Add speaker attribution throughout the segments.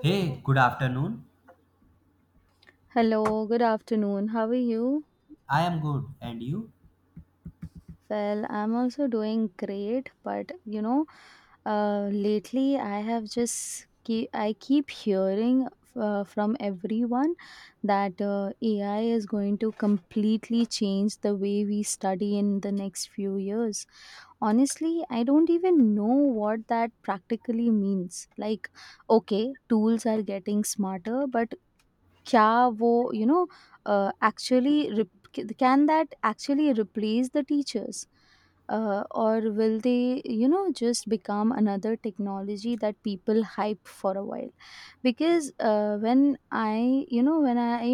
Speaker 1: Hey, good afternoon.
Speaker 2: Hello, good afternoon. How are you?
Speaker 1: I am good. And you?
Speaker 2: Well, I'm also doing great, but lately I keep hearing from everyone that AI is going to completely change the way we study in the next few years. Honestly, I don't even know what that practically means. Like, okay, tools are getting smarter, but क्या वो you know uh, actually rep can that actually replace the teachers? Or will they, you know, just become another technology that people hype for a while? Because when I, you know, when I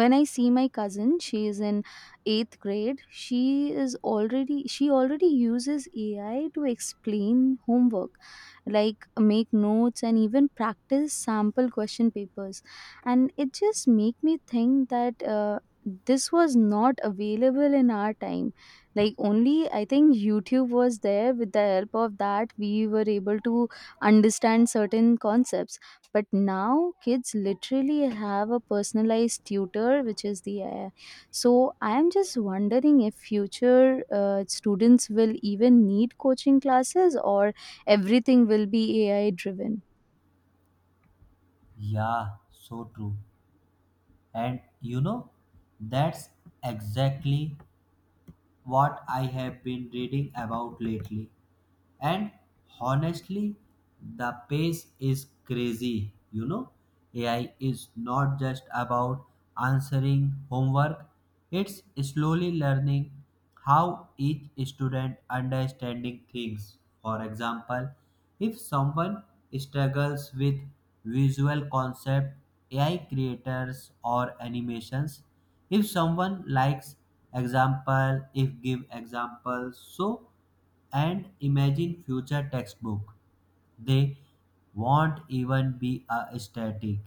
Speaker 2: when I see my cousin, she is in 8th grade. She already uses ai to explain homework, like make notes and even practice sample question papers, and it just make me think that this was not available in our time. Like, only I think youtube was there. With the help of that, we were able to understand certain concepts, but now kids literally have a personalized tutor, which is the ai. So I am just wondering if future students will even need coaching classes, or everything will be ai driven.
Speaker 1: Yeah, so true. And you know, that's exactly what I have been reading about lately. And honestly, the pace is crazy, you know. AI is not just about answering homework, it's slowly learning how each student understanding things. For example, if someone struggles with visual concept, AI creators or animations, if someone likes example, if give examples. So and imagine future textbook, they won't even be a static,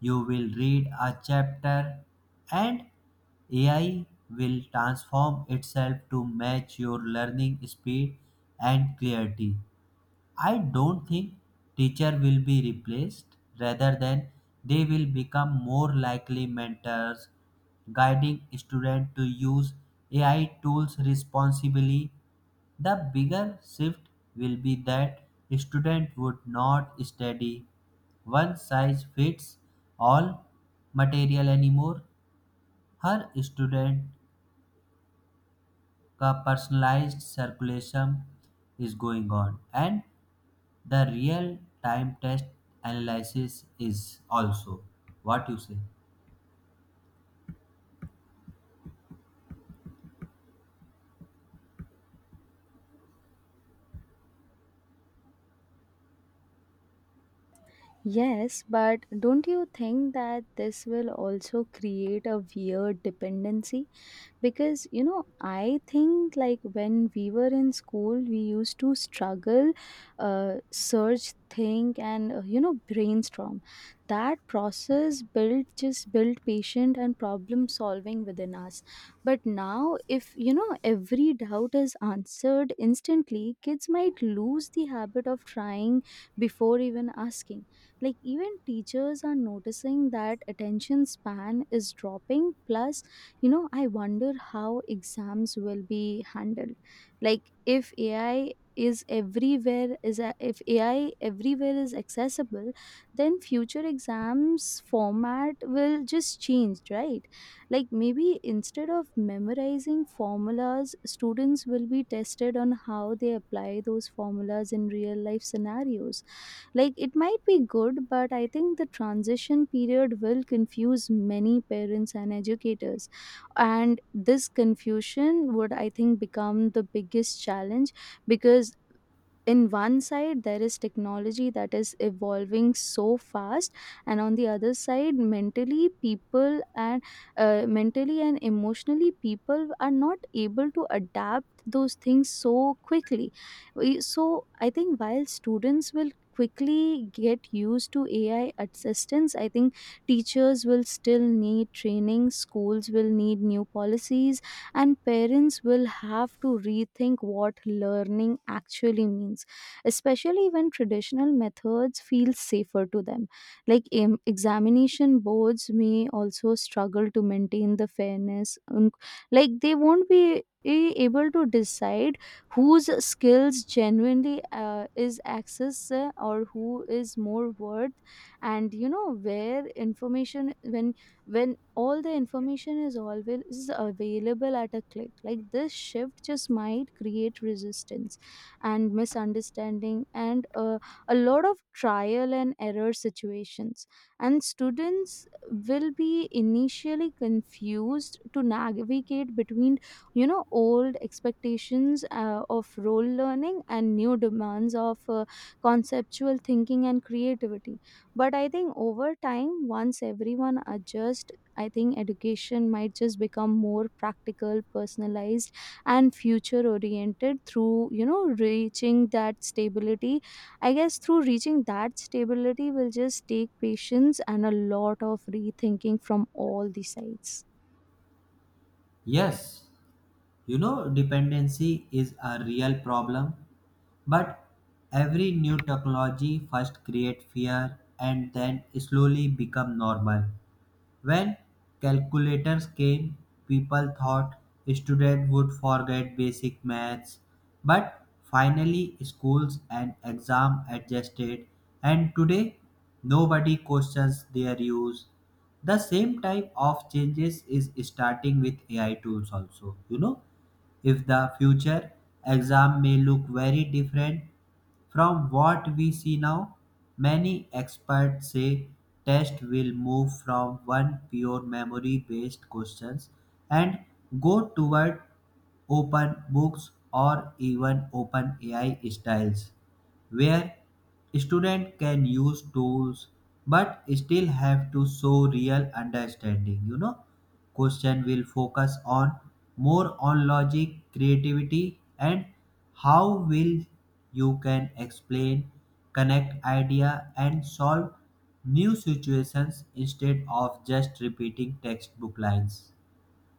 Speaker 1: you will read a chapter and AI will transform itself to match your learning speed and clarity. I don't think teacher will be replaced, rather than they will become more likely mentors, guiding students to use AI tools responsibly. The bigger shift will be that student would not study one size fits all material anymore. Her student का personalized circulation is going on and the real time test analysis is also what you say.
Speaker 2: Yes, but don't you think that this will also create a weird dependency? Because you know, I think like when we were in school, we used to struggle, search, think, and you know, brainstorm. That process built patient and problem solving within us. But now, if you know, every doubt is answered instantly, kids might lose the habit of trying before even asking. Like, even teachers are noticing that attention span is dropping. Plus, you know, I wonder how exams will be handled. Like if AI is everywhere is a, If AI everywhere is accessible, then future exams format will just change, right? Like, maybe instead of memorizing formulas, students will be tested on how they apply those formulas in real life scenarios. Like, it might be good, but I think the transition period will confuse many parents and educators. And this confusion would, I think, become the biggest challenge, because in one side there is technology that is evolving so fast, and on the other side, mentally and emotionally, people are not able to adapt those things so quickly. We- so I think while students will quickly get used to ai assistance, I think teachers will still need training, schools will need new policies, and parents will have to rethink what learning actually means, especially when traditional methods feel safer to them. Like, examination boards may also struggle to maintain the fairness, and like, they won't be able to decide whose skills genuinely is access or who is more worth. And you know, where information, when all the information is always is available at a click, like, this shift just might create resistance and misunderstanding, and a lot of trial and error situations. And students will be initially confused to navigate between, you know, old expectations of role learning and new demands of conceptual thinking and creativity. But I think over time, once everyone adjust, I think education might just become more practical, personalized, and future oriented. Through, you know, reaching that stability, I guess, through reaching that stability, will just take patience and a lot of rethinking from all the sides.
Speaker 1: Yes, you know, dependency is a real problem, but every new technology first create fear and then slowly become normal. When calculators came, people thought students would forget basic maths, but finally schools and exam adjusted and today nobody questions their use. The same type of changes is starting with AI tools also, you know, if the future exam may look very different from what we see now. Many experts say tests will move from one pure memory based questions and go toward open books or even open AI styles where student can use tools but still have to show real understanding. You know, question will focus on more on logic, creativity, and how will you can explain, connect idea, and solve new situations instead of just repeating textbook lines.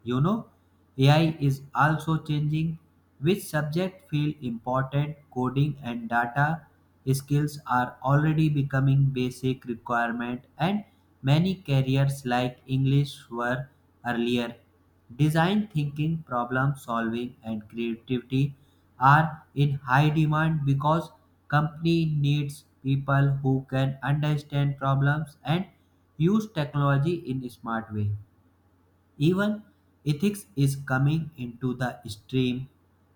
Speaker 1: You know, AI is also changing which subject feel important. Coding and data skills are already becoming basic requirement, and many careers like English were earlier. Design thinking, problem solving, and creativity are in high demand because company needs people who can understand problems and use technology in a smart way. Even ethics is coming into the stream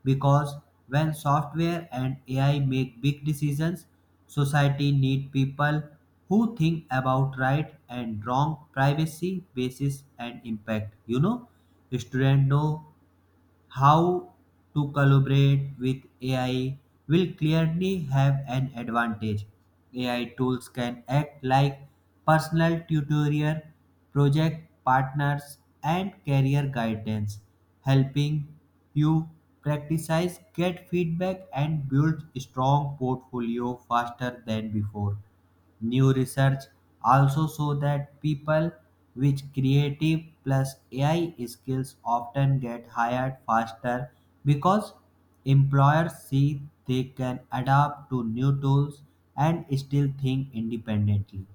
Speaker 1: because when software and AI make big decisions, society need people who think about right and wrong, privacy, basis, and impact. You know, students know how to collaborate with AI will clearly have an advantage. AI tools can act like personal tutorial, project partners, and career guidance, helping you practice, get feedback, and build strong portfolio faster than before. New research also shows that people with creative plus AI skills often get hired faster because employers see they can adapt to new tools and still think independently.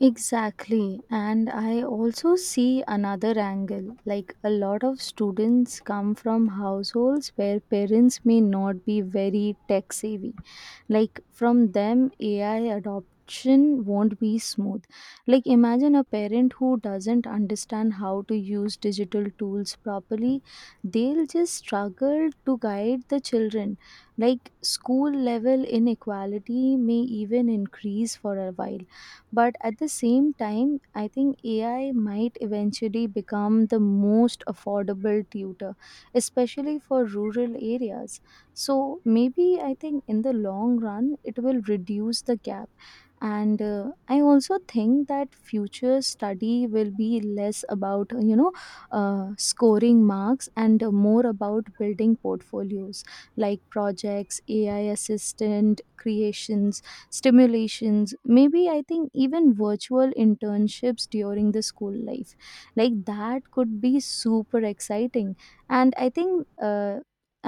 Speaker 2: Exactly. And I also see another angle. Like, a lot of students come from households where parents may not be very tech savvy. Like, from them, AI adoption won't be smooth. Like, imagine a parent who doesn't understand how to use digital tools properly, they'll just struggle to guide the children. Like, school level inequality may even increase for a while, but at the same time, I think ai might eventually become the most affordable tutor, especially for rural areas. So maybe, I think in the long run it will reduce the gap. And I also think that future study will be less about, you know, scoring marks and more about building portfolios, like projects, ai assistant creations, stimulations, maybe, I think even virtual internships during the school life. Like, that could be super exciting. And I think,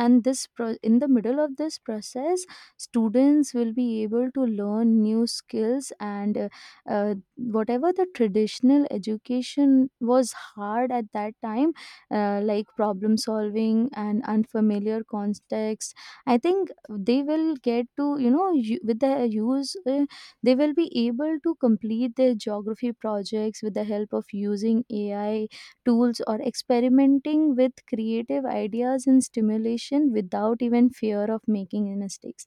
Speaker 2: and this in the middle of this process, students will be able to learn new skills, and uh, whatever the traditional education was hard at that time, like problem solving and unfamiliar context, I think they will get to, you know, with the use, they will be able to complete their geography projects with the help of using ai tools, or experimenting with creative ideas and stimulation without even fear of making mistakes.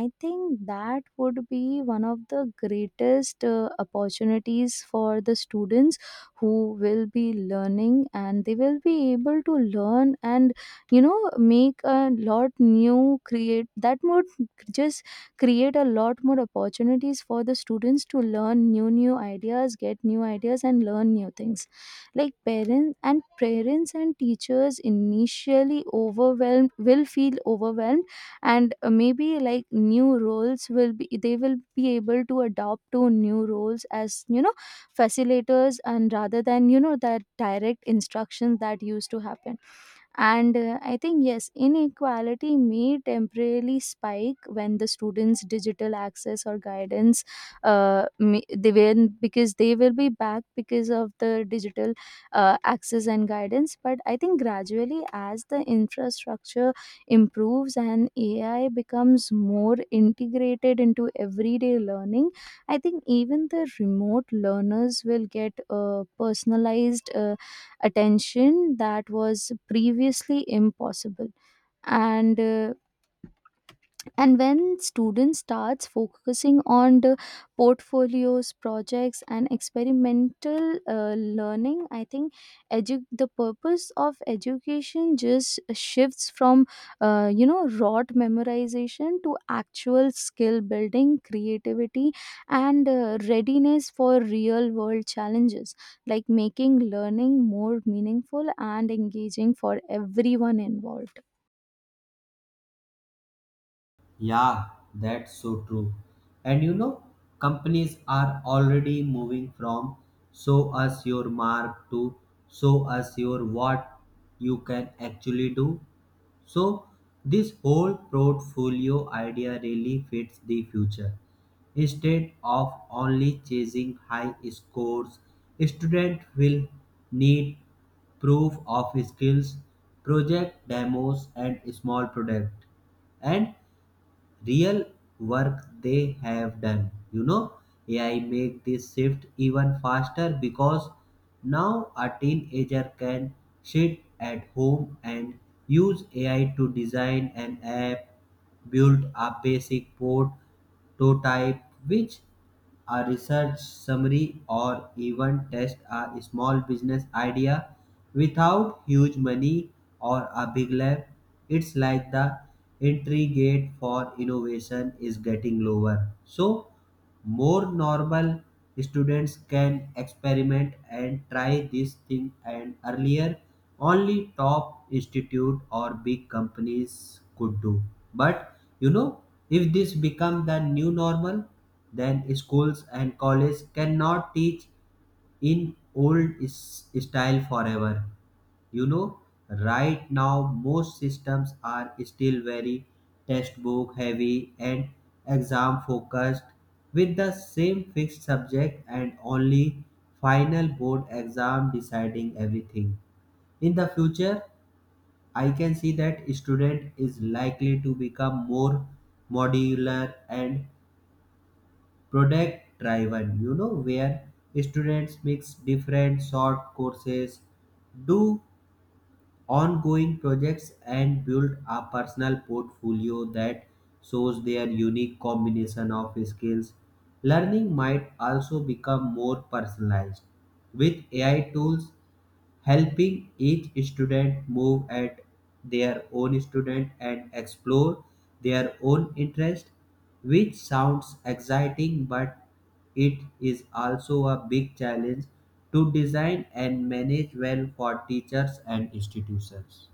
Speaker 2: I think that would be one of the greatest opportunities for the students who will be learning, and they will be able to learn and, you know, make a lot new create, that would just create a lot more opportunities for the students to learn new ideas, get new ideas, and learn new things. Like, parents and teachers, initially overwhelmed, will feel overwhelmed. And maybe, like, new roles will be, they will be able to adopt to new roles as, you know, facilitators, and rather than, you know, that direct instructions that used to happen. And I think, yes, inequality may temporarily spike when the students' digital access or guidance, they will, because they will be back because of the digital access and guidance. But I think gradually, as the infrastructure improves and AI becomes more integrated into everyday learning, I think even the remote learners will get personalized attention that was previously impossible. And and when students starts focusing on the portfolios, projects, and experimental learning, I think the purpose of education just shifts from, you know, rote memorization to actual skill building, creativity, and readiness for real world challenges, like making learning more meaningful and engaging for everyone involved.
Speaker 1: Yeah, that's so true. And you know, companies are already moving from show us your mark to show us your what you can actually do. So, this whole portfolio idea really fits the future. Instead of only chasing high scores, students will need proof of skills, project demos, and small product. And real work they have done. You know, AI make this shift even faster because now a teenager can sit at home and use AI to design an app, build a basic prototype, which a research summary, or even test a small business idea without huge money or a big lab. It's like the entry gate for innovation is getting lower. So, more normal students can experiment and try this thing, and earlier only top institute or big companies could do. But you know, if this become the new normal, then schools and colleges cannot teach in old style forever. You know, right now most systems are still very textbook heavy and exam focused, with the same fixed subject and only final board exam deciding everything. In the future, I can see that student is likely to become more modular and product driven, you know, where students mix different short courses, do ongoing projects, and build a personal portfolio that shows their unique combination of skills. Learning might also become more personalized with AI tools helping each student move at their own student and explore their own interest, which sounds exciting, but it is also a big challenge to design and manage well for teachers and institutions.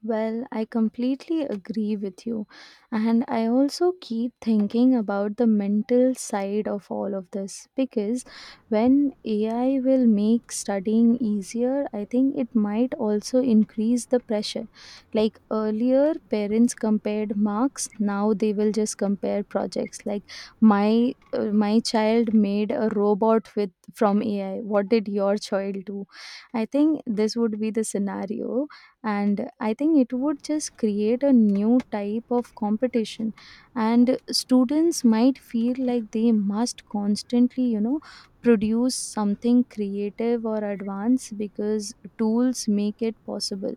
Speaker 2: Well, I completely agree with you. And I also keep thinking about the mental side of all of this, because when AI will make studying easier, I think it might also increase the pressure. Like, earlier, parents compared marks, now they will just compare projects. Like, my child made a robot with from AI. What did your child do? I think this would be the scenario, and I think it would just create a new type of competition, and students might feel like they must constantly, you know, produce something creative or advanced because tools make it possible.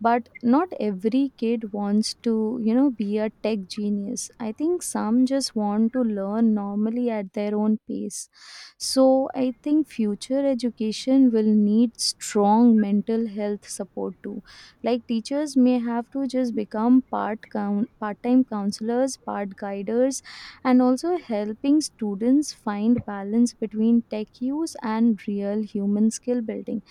Speaker 2: But not every kid wants to, you know, be a tech genius. I think some just want to learn normally at their own pace. So I think future education will need strong mental health support too. Like, teachers may have to just become part-time counselors, part guiders, and also helping students find balance between tech use and real human skill building.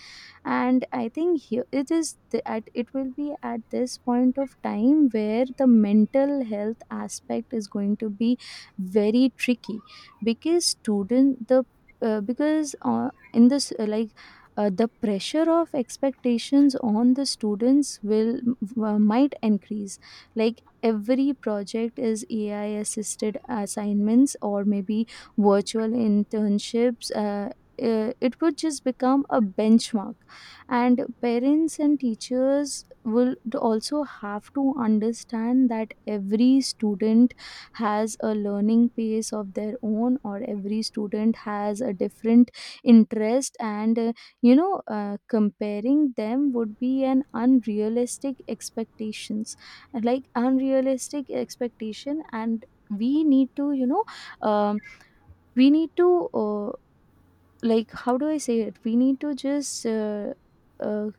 Speaker 2: And I think here it is the, at it will be at this point of time where the mental health aspect is going to be very tricky, because student the because in this, like, the pressure of expectations on the students will, might increase. Like, every project is ai assisted assignments, or maybe virtual internships, it would just become a benchmark. And parents and teachers will also have to understand that every student has a learning pace of their own, or every student has a different interest. And you know, comparing them would be an unrealistic expectations, like unrealistic expectation. And we need to, you know, um, we need to, like, how do I say it, we need to just, uh,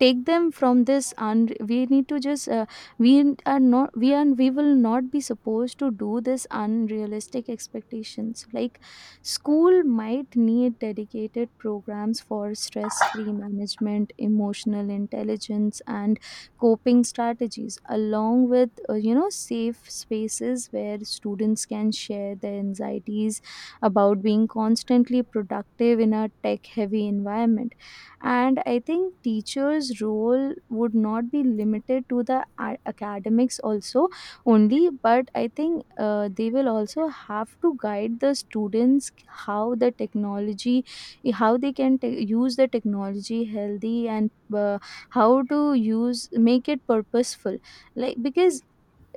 Speaker 2: take them from this, and we need to just, we are not we are we will not be supposed to do this unrealistic expectations. Like, school might need dedicated programs for stress free management, emotional intelligence, and coping strategies, along with, you know, safe spaces where students can share their anxieties about being constantly productive in a tech heavy environment. And I think teachers role would not be limited to the academics also only, but I think they will also have to guide the students how the technology, how they can use the technology healthy, and how to use make it purposeful. Like, because,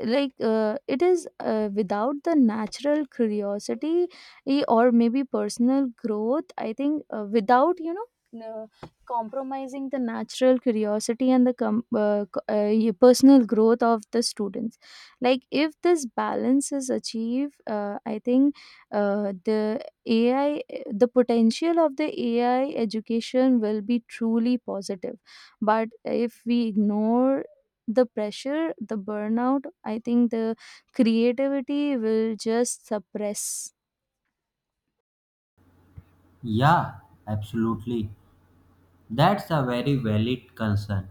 Speaker 2: like, it is, without the natural curiosity, or maybe personal growth, I think, without, you know, n- uh, compromising the natural curiosity and the personal growth of the students. Like, if this balance is achieved, I think, uh, the ai the potential of the ai education will be truly positive. But if we ignore the pressure, the burnout, I think the creativity will just suppress.
Speaker 1: Yeah, absolutely. That's a very valid concern.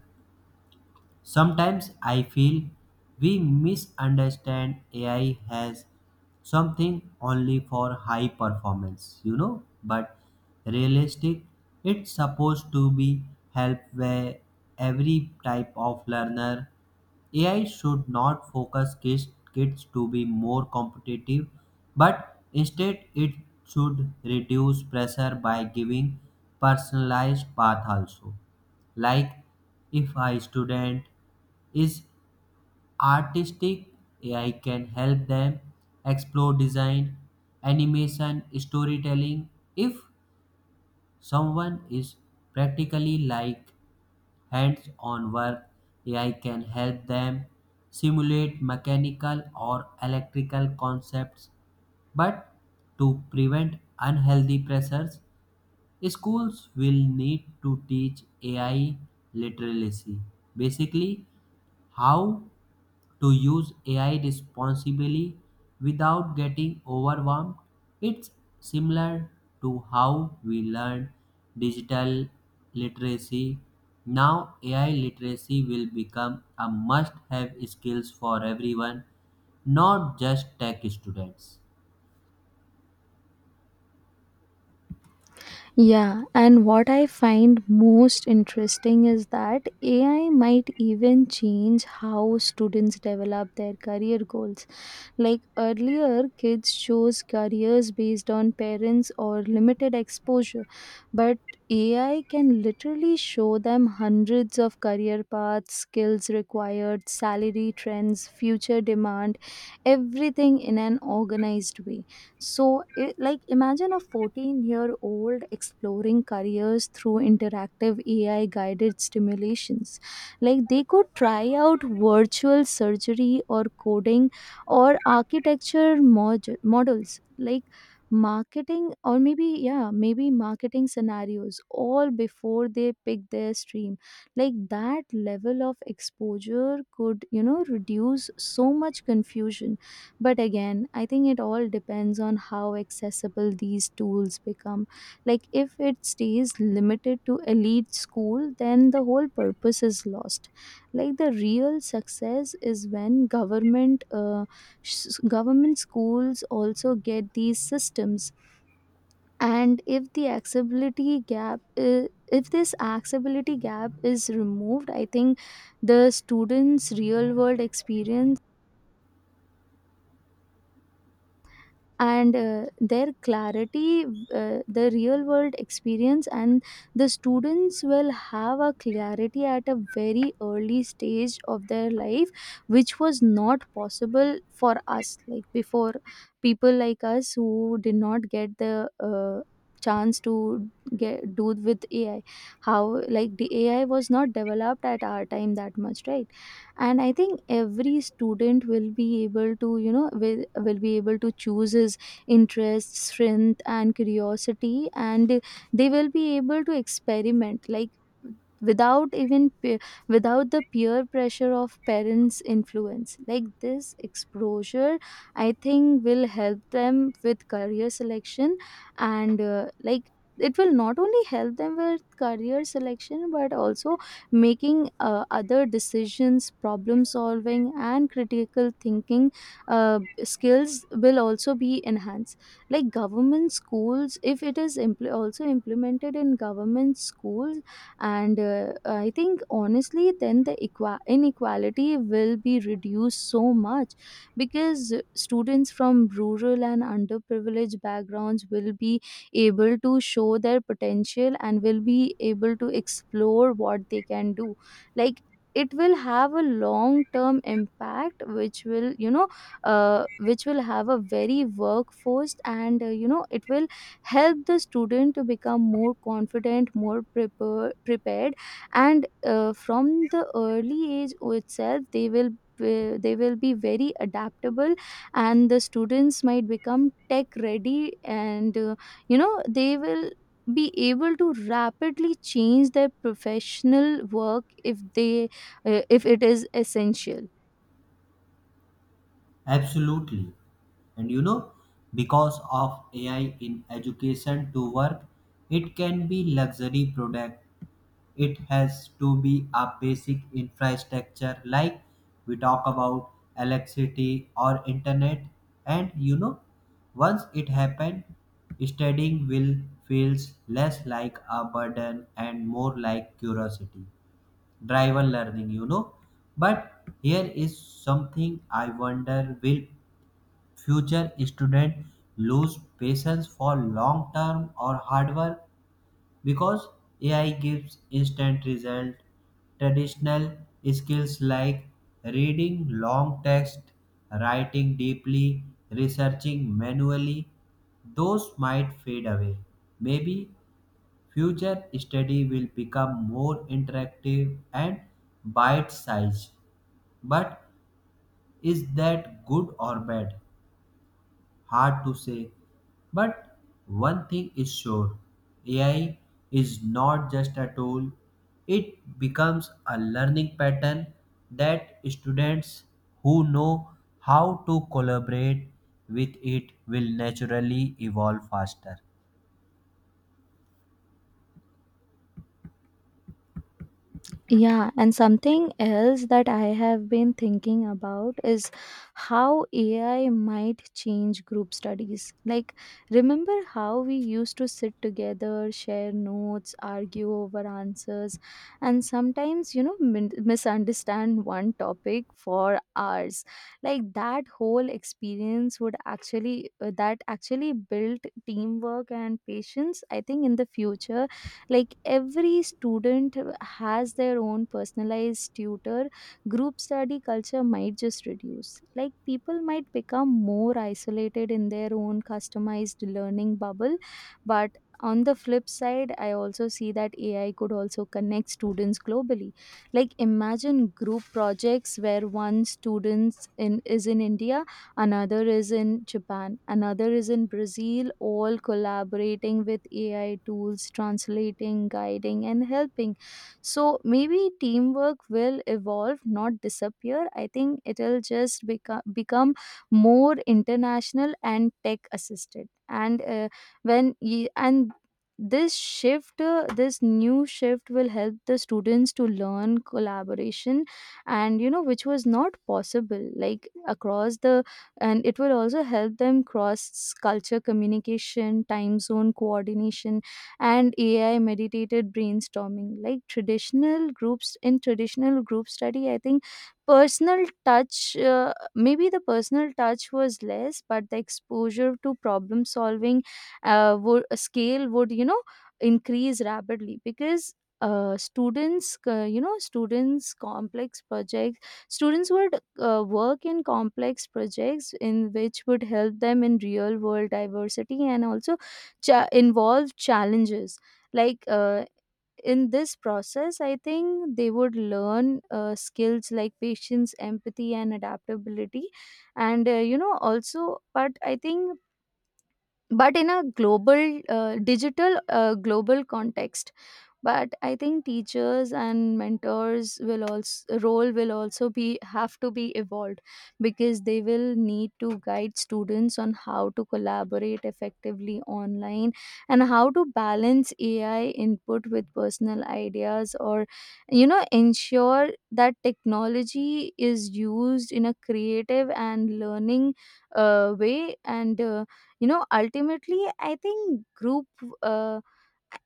Speaker 1: Sometimes I feel we misunderstand AI as something only for high performance, you know, but realistic, it's supposed to be help where every type of learner AI should not focus kids to be more competitive, but instead it should reduce pressure by giving personalized path also. Like if a student is artistic, AI can help them explore design, animation, storytelling. If someone is practically like hands on work. AI can help them simulate mechanical or electrical concepts, but to prevent unhealthy pressures, schools will need to teach AI literacy. Basically, how to use AI responsibly without getting overwhelmed. It's similar to how we learn digital literacy. Now, AI literacy will become a must have skills for everyone, not just tech students.
Speaker 2: Yeah, and what I find most interesting is that AI might even change how students develop their career goals. Like earlier, kids chose careers based on parents or limited exposure, but AI can literally show them hundreds of career paths, skills required, salary trends, future demand, everything in an organized way. So, it, like, imagine a 14-year-old year old exploring careers through interactive AI guided stimulations. Like, they could try out virtual surgery or coding or models, like marketing or maybe, yeah, maybe marketing scenarios, all before they pick their stream. Like, that level of exposure could, reduce so much confusion. But again, I think it all depends on how accessible these tools become. Like, if it stays limited to elite school, then the whole purpose is lost. Like, the real success is when government schools also get these systems. And if the accessibility gap I- if this accessibility gap is removed, I think the students real world experience and their clarity the real world experience and the students will have a clarity at a very early stage of their life, which was not possible for us. Like before, people like us who did not get the chance to get do with AI. How, like, the AI was not developed at our time that much, right? And I think every student will be able to, will be able to choose his interests, strength and curiosity, and they will be able to experiment, like without even pe- without the peer pressure of parents influence. Like, this exposure, I think, will help them with career selection. And like, it will not only help them with career selection but also making other decisions. Problem solving and critical thinking skills will also be enhanced. Like government schools, if it is also implemented in government schools, and I think, honestly, then the inequality will be reduced so much, because students from rural and underprivileged backgrounds will be able to show their potential and will be able to explore what they can do. Like, it will have a long term impact, which will, which will have a very workforce, and you know, it will help the student to become more confident, prepared. And from the early age itself, they will be very adaptable, and the students might become tech ready. And you know, they will be able to rapidly change their professional work if they, if it is essential.
Speaker 1: Absolutely. And you know, because of AI in education to work, it can be luxury product. It has to be a basic infrastructure like we talk about electricity or internet. And you know, once it happen, studying will feels less like a burden and more like curiosity driver learning, you know. But here is something I wonder, will future student lose patience for long term or hard work because AI gives instant result. Traditional skills like reading long text, writing deeply, researching manually, those might fade away. Maybe future study will become more interactive and bite sized. But is that good or bad? Hard to say. But one thing is sure, AI is not just a tool, it becomes a learning pattern that students who know how to collaborate with it will naturally evolve faster.
Speaker 2: Yeah, and something else that I have been thinking about is how AI might change group studies. Like, remember how we used to sit together, share notes, argue over answers, and sometimes, you know, misunderstand one topic for hours. Like, that whole experience would that actually built teamwork and patience. I think in the future, like every student has their own personalized tutor, group study culture might just reduce. Like, people might become more isolated in their own customized learning bubble. But on the flip side, I also see that AI could also connect students globally. Like, imagine group projects where one is in india, another is in Japan, another is in Brazil, all collaborating with AI tools, translating, guiding, and helping. So maybe teamwork will evolve, not disappear. I think it'll just become more international and tech assisted. And and this shift this new shift will help the students to learn collaboration, and you know, which was not possible, like across the, and it will also help them cross culture communication, time zone coordination, and AI meditated brainstorming. Like traditional groups, in traditional group study, I think personal touch maybe the personal touch was less, but the exposure to problem solving scale would, you know, increase rapidly. Because uh, students uh, you know students complex projects students would work in complex projects, in which would help them in real world diversity and also involve challenges. Like in this process, I think they would learn skills like patience, empathy and adaptability. And you know, also, but I think, but in a global context. But I think teachers and mentors will also role will also be, have to be evolved, because they will need to guide students on how to collaborate effectively online, and how to balance AI input with personal ideas, or you know, ensure that technology is used in a creative and learning way. And you know, ultimately, I think group uh,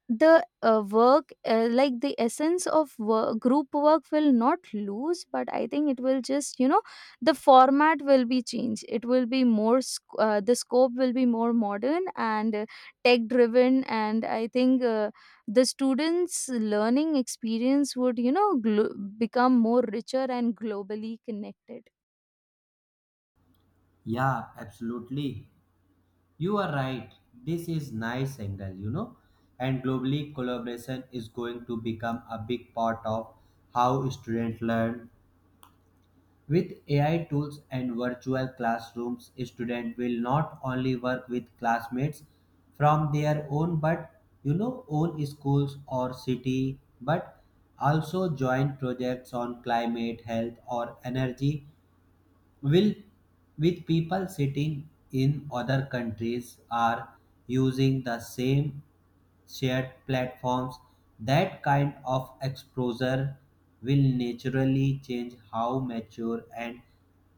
Speaker 2: the work like the essence of work, group work will not lose, but I think it will just, you know, the format will be changed. It will be more the scope will be more modern and tech driven. And I think the students learning experience would, you know, become more richer and globally connected.
Speaker 1: Yeah, absolutely. You are right. This is nice angle, you know. And globally collaboration is going to become a big part of how students learn. With AI tools and virtual classrooms, students will not only work with classmates from their own, but you know, own schools or city, but also join projects on climate, health, or energy will with people sitting in other countries are using the same shared platforms. That kind of exposure will naturally change how mature and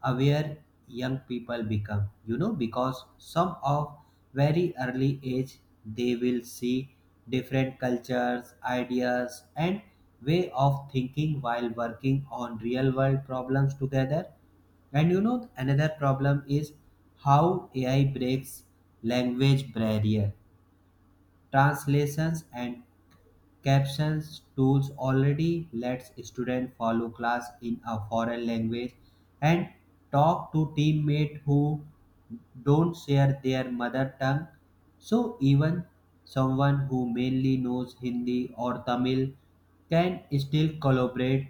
Speaker 1: aware young people become, you know, because some of very early age they will see different cultures, ideas, and way of thinking while working on real world problems together. And you know, another problem is how AI breaks language barrier. Translations and captions tools already lets students follow class in a foreign language and talk to teammates who don't share their mother tongue. So even someone who mainly knows Hindi or Tamil can still collaborate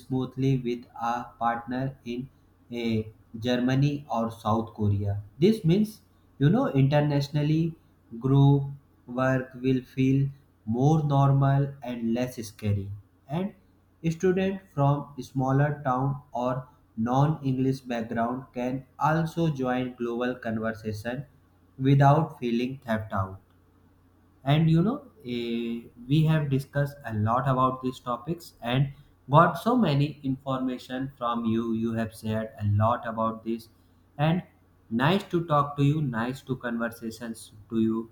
Speaker 1: smoothly with a partner in eh, Germany or South Korea. This means, you know, internationally group work will feel more normal and less scary. And students from smaller town or non-English background can also join global conversation without feeling left out. And you know, we have discussed a lot about these topics and got so many information from you. You have shared a lot about this, and nice to talk to you, nice to conversations to you.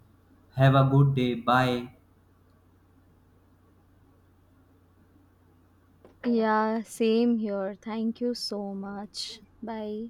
Speaker 1: Have a good day. Bye.
Speaker 2: Yeah, same here, thank you so much, bye.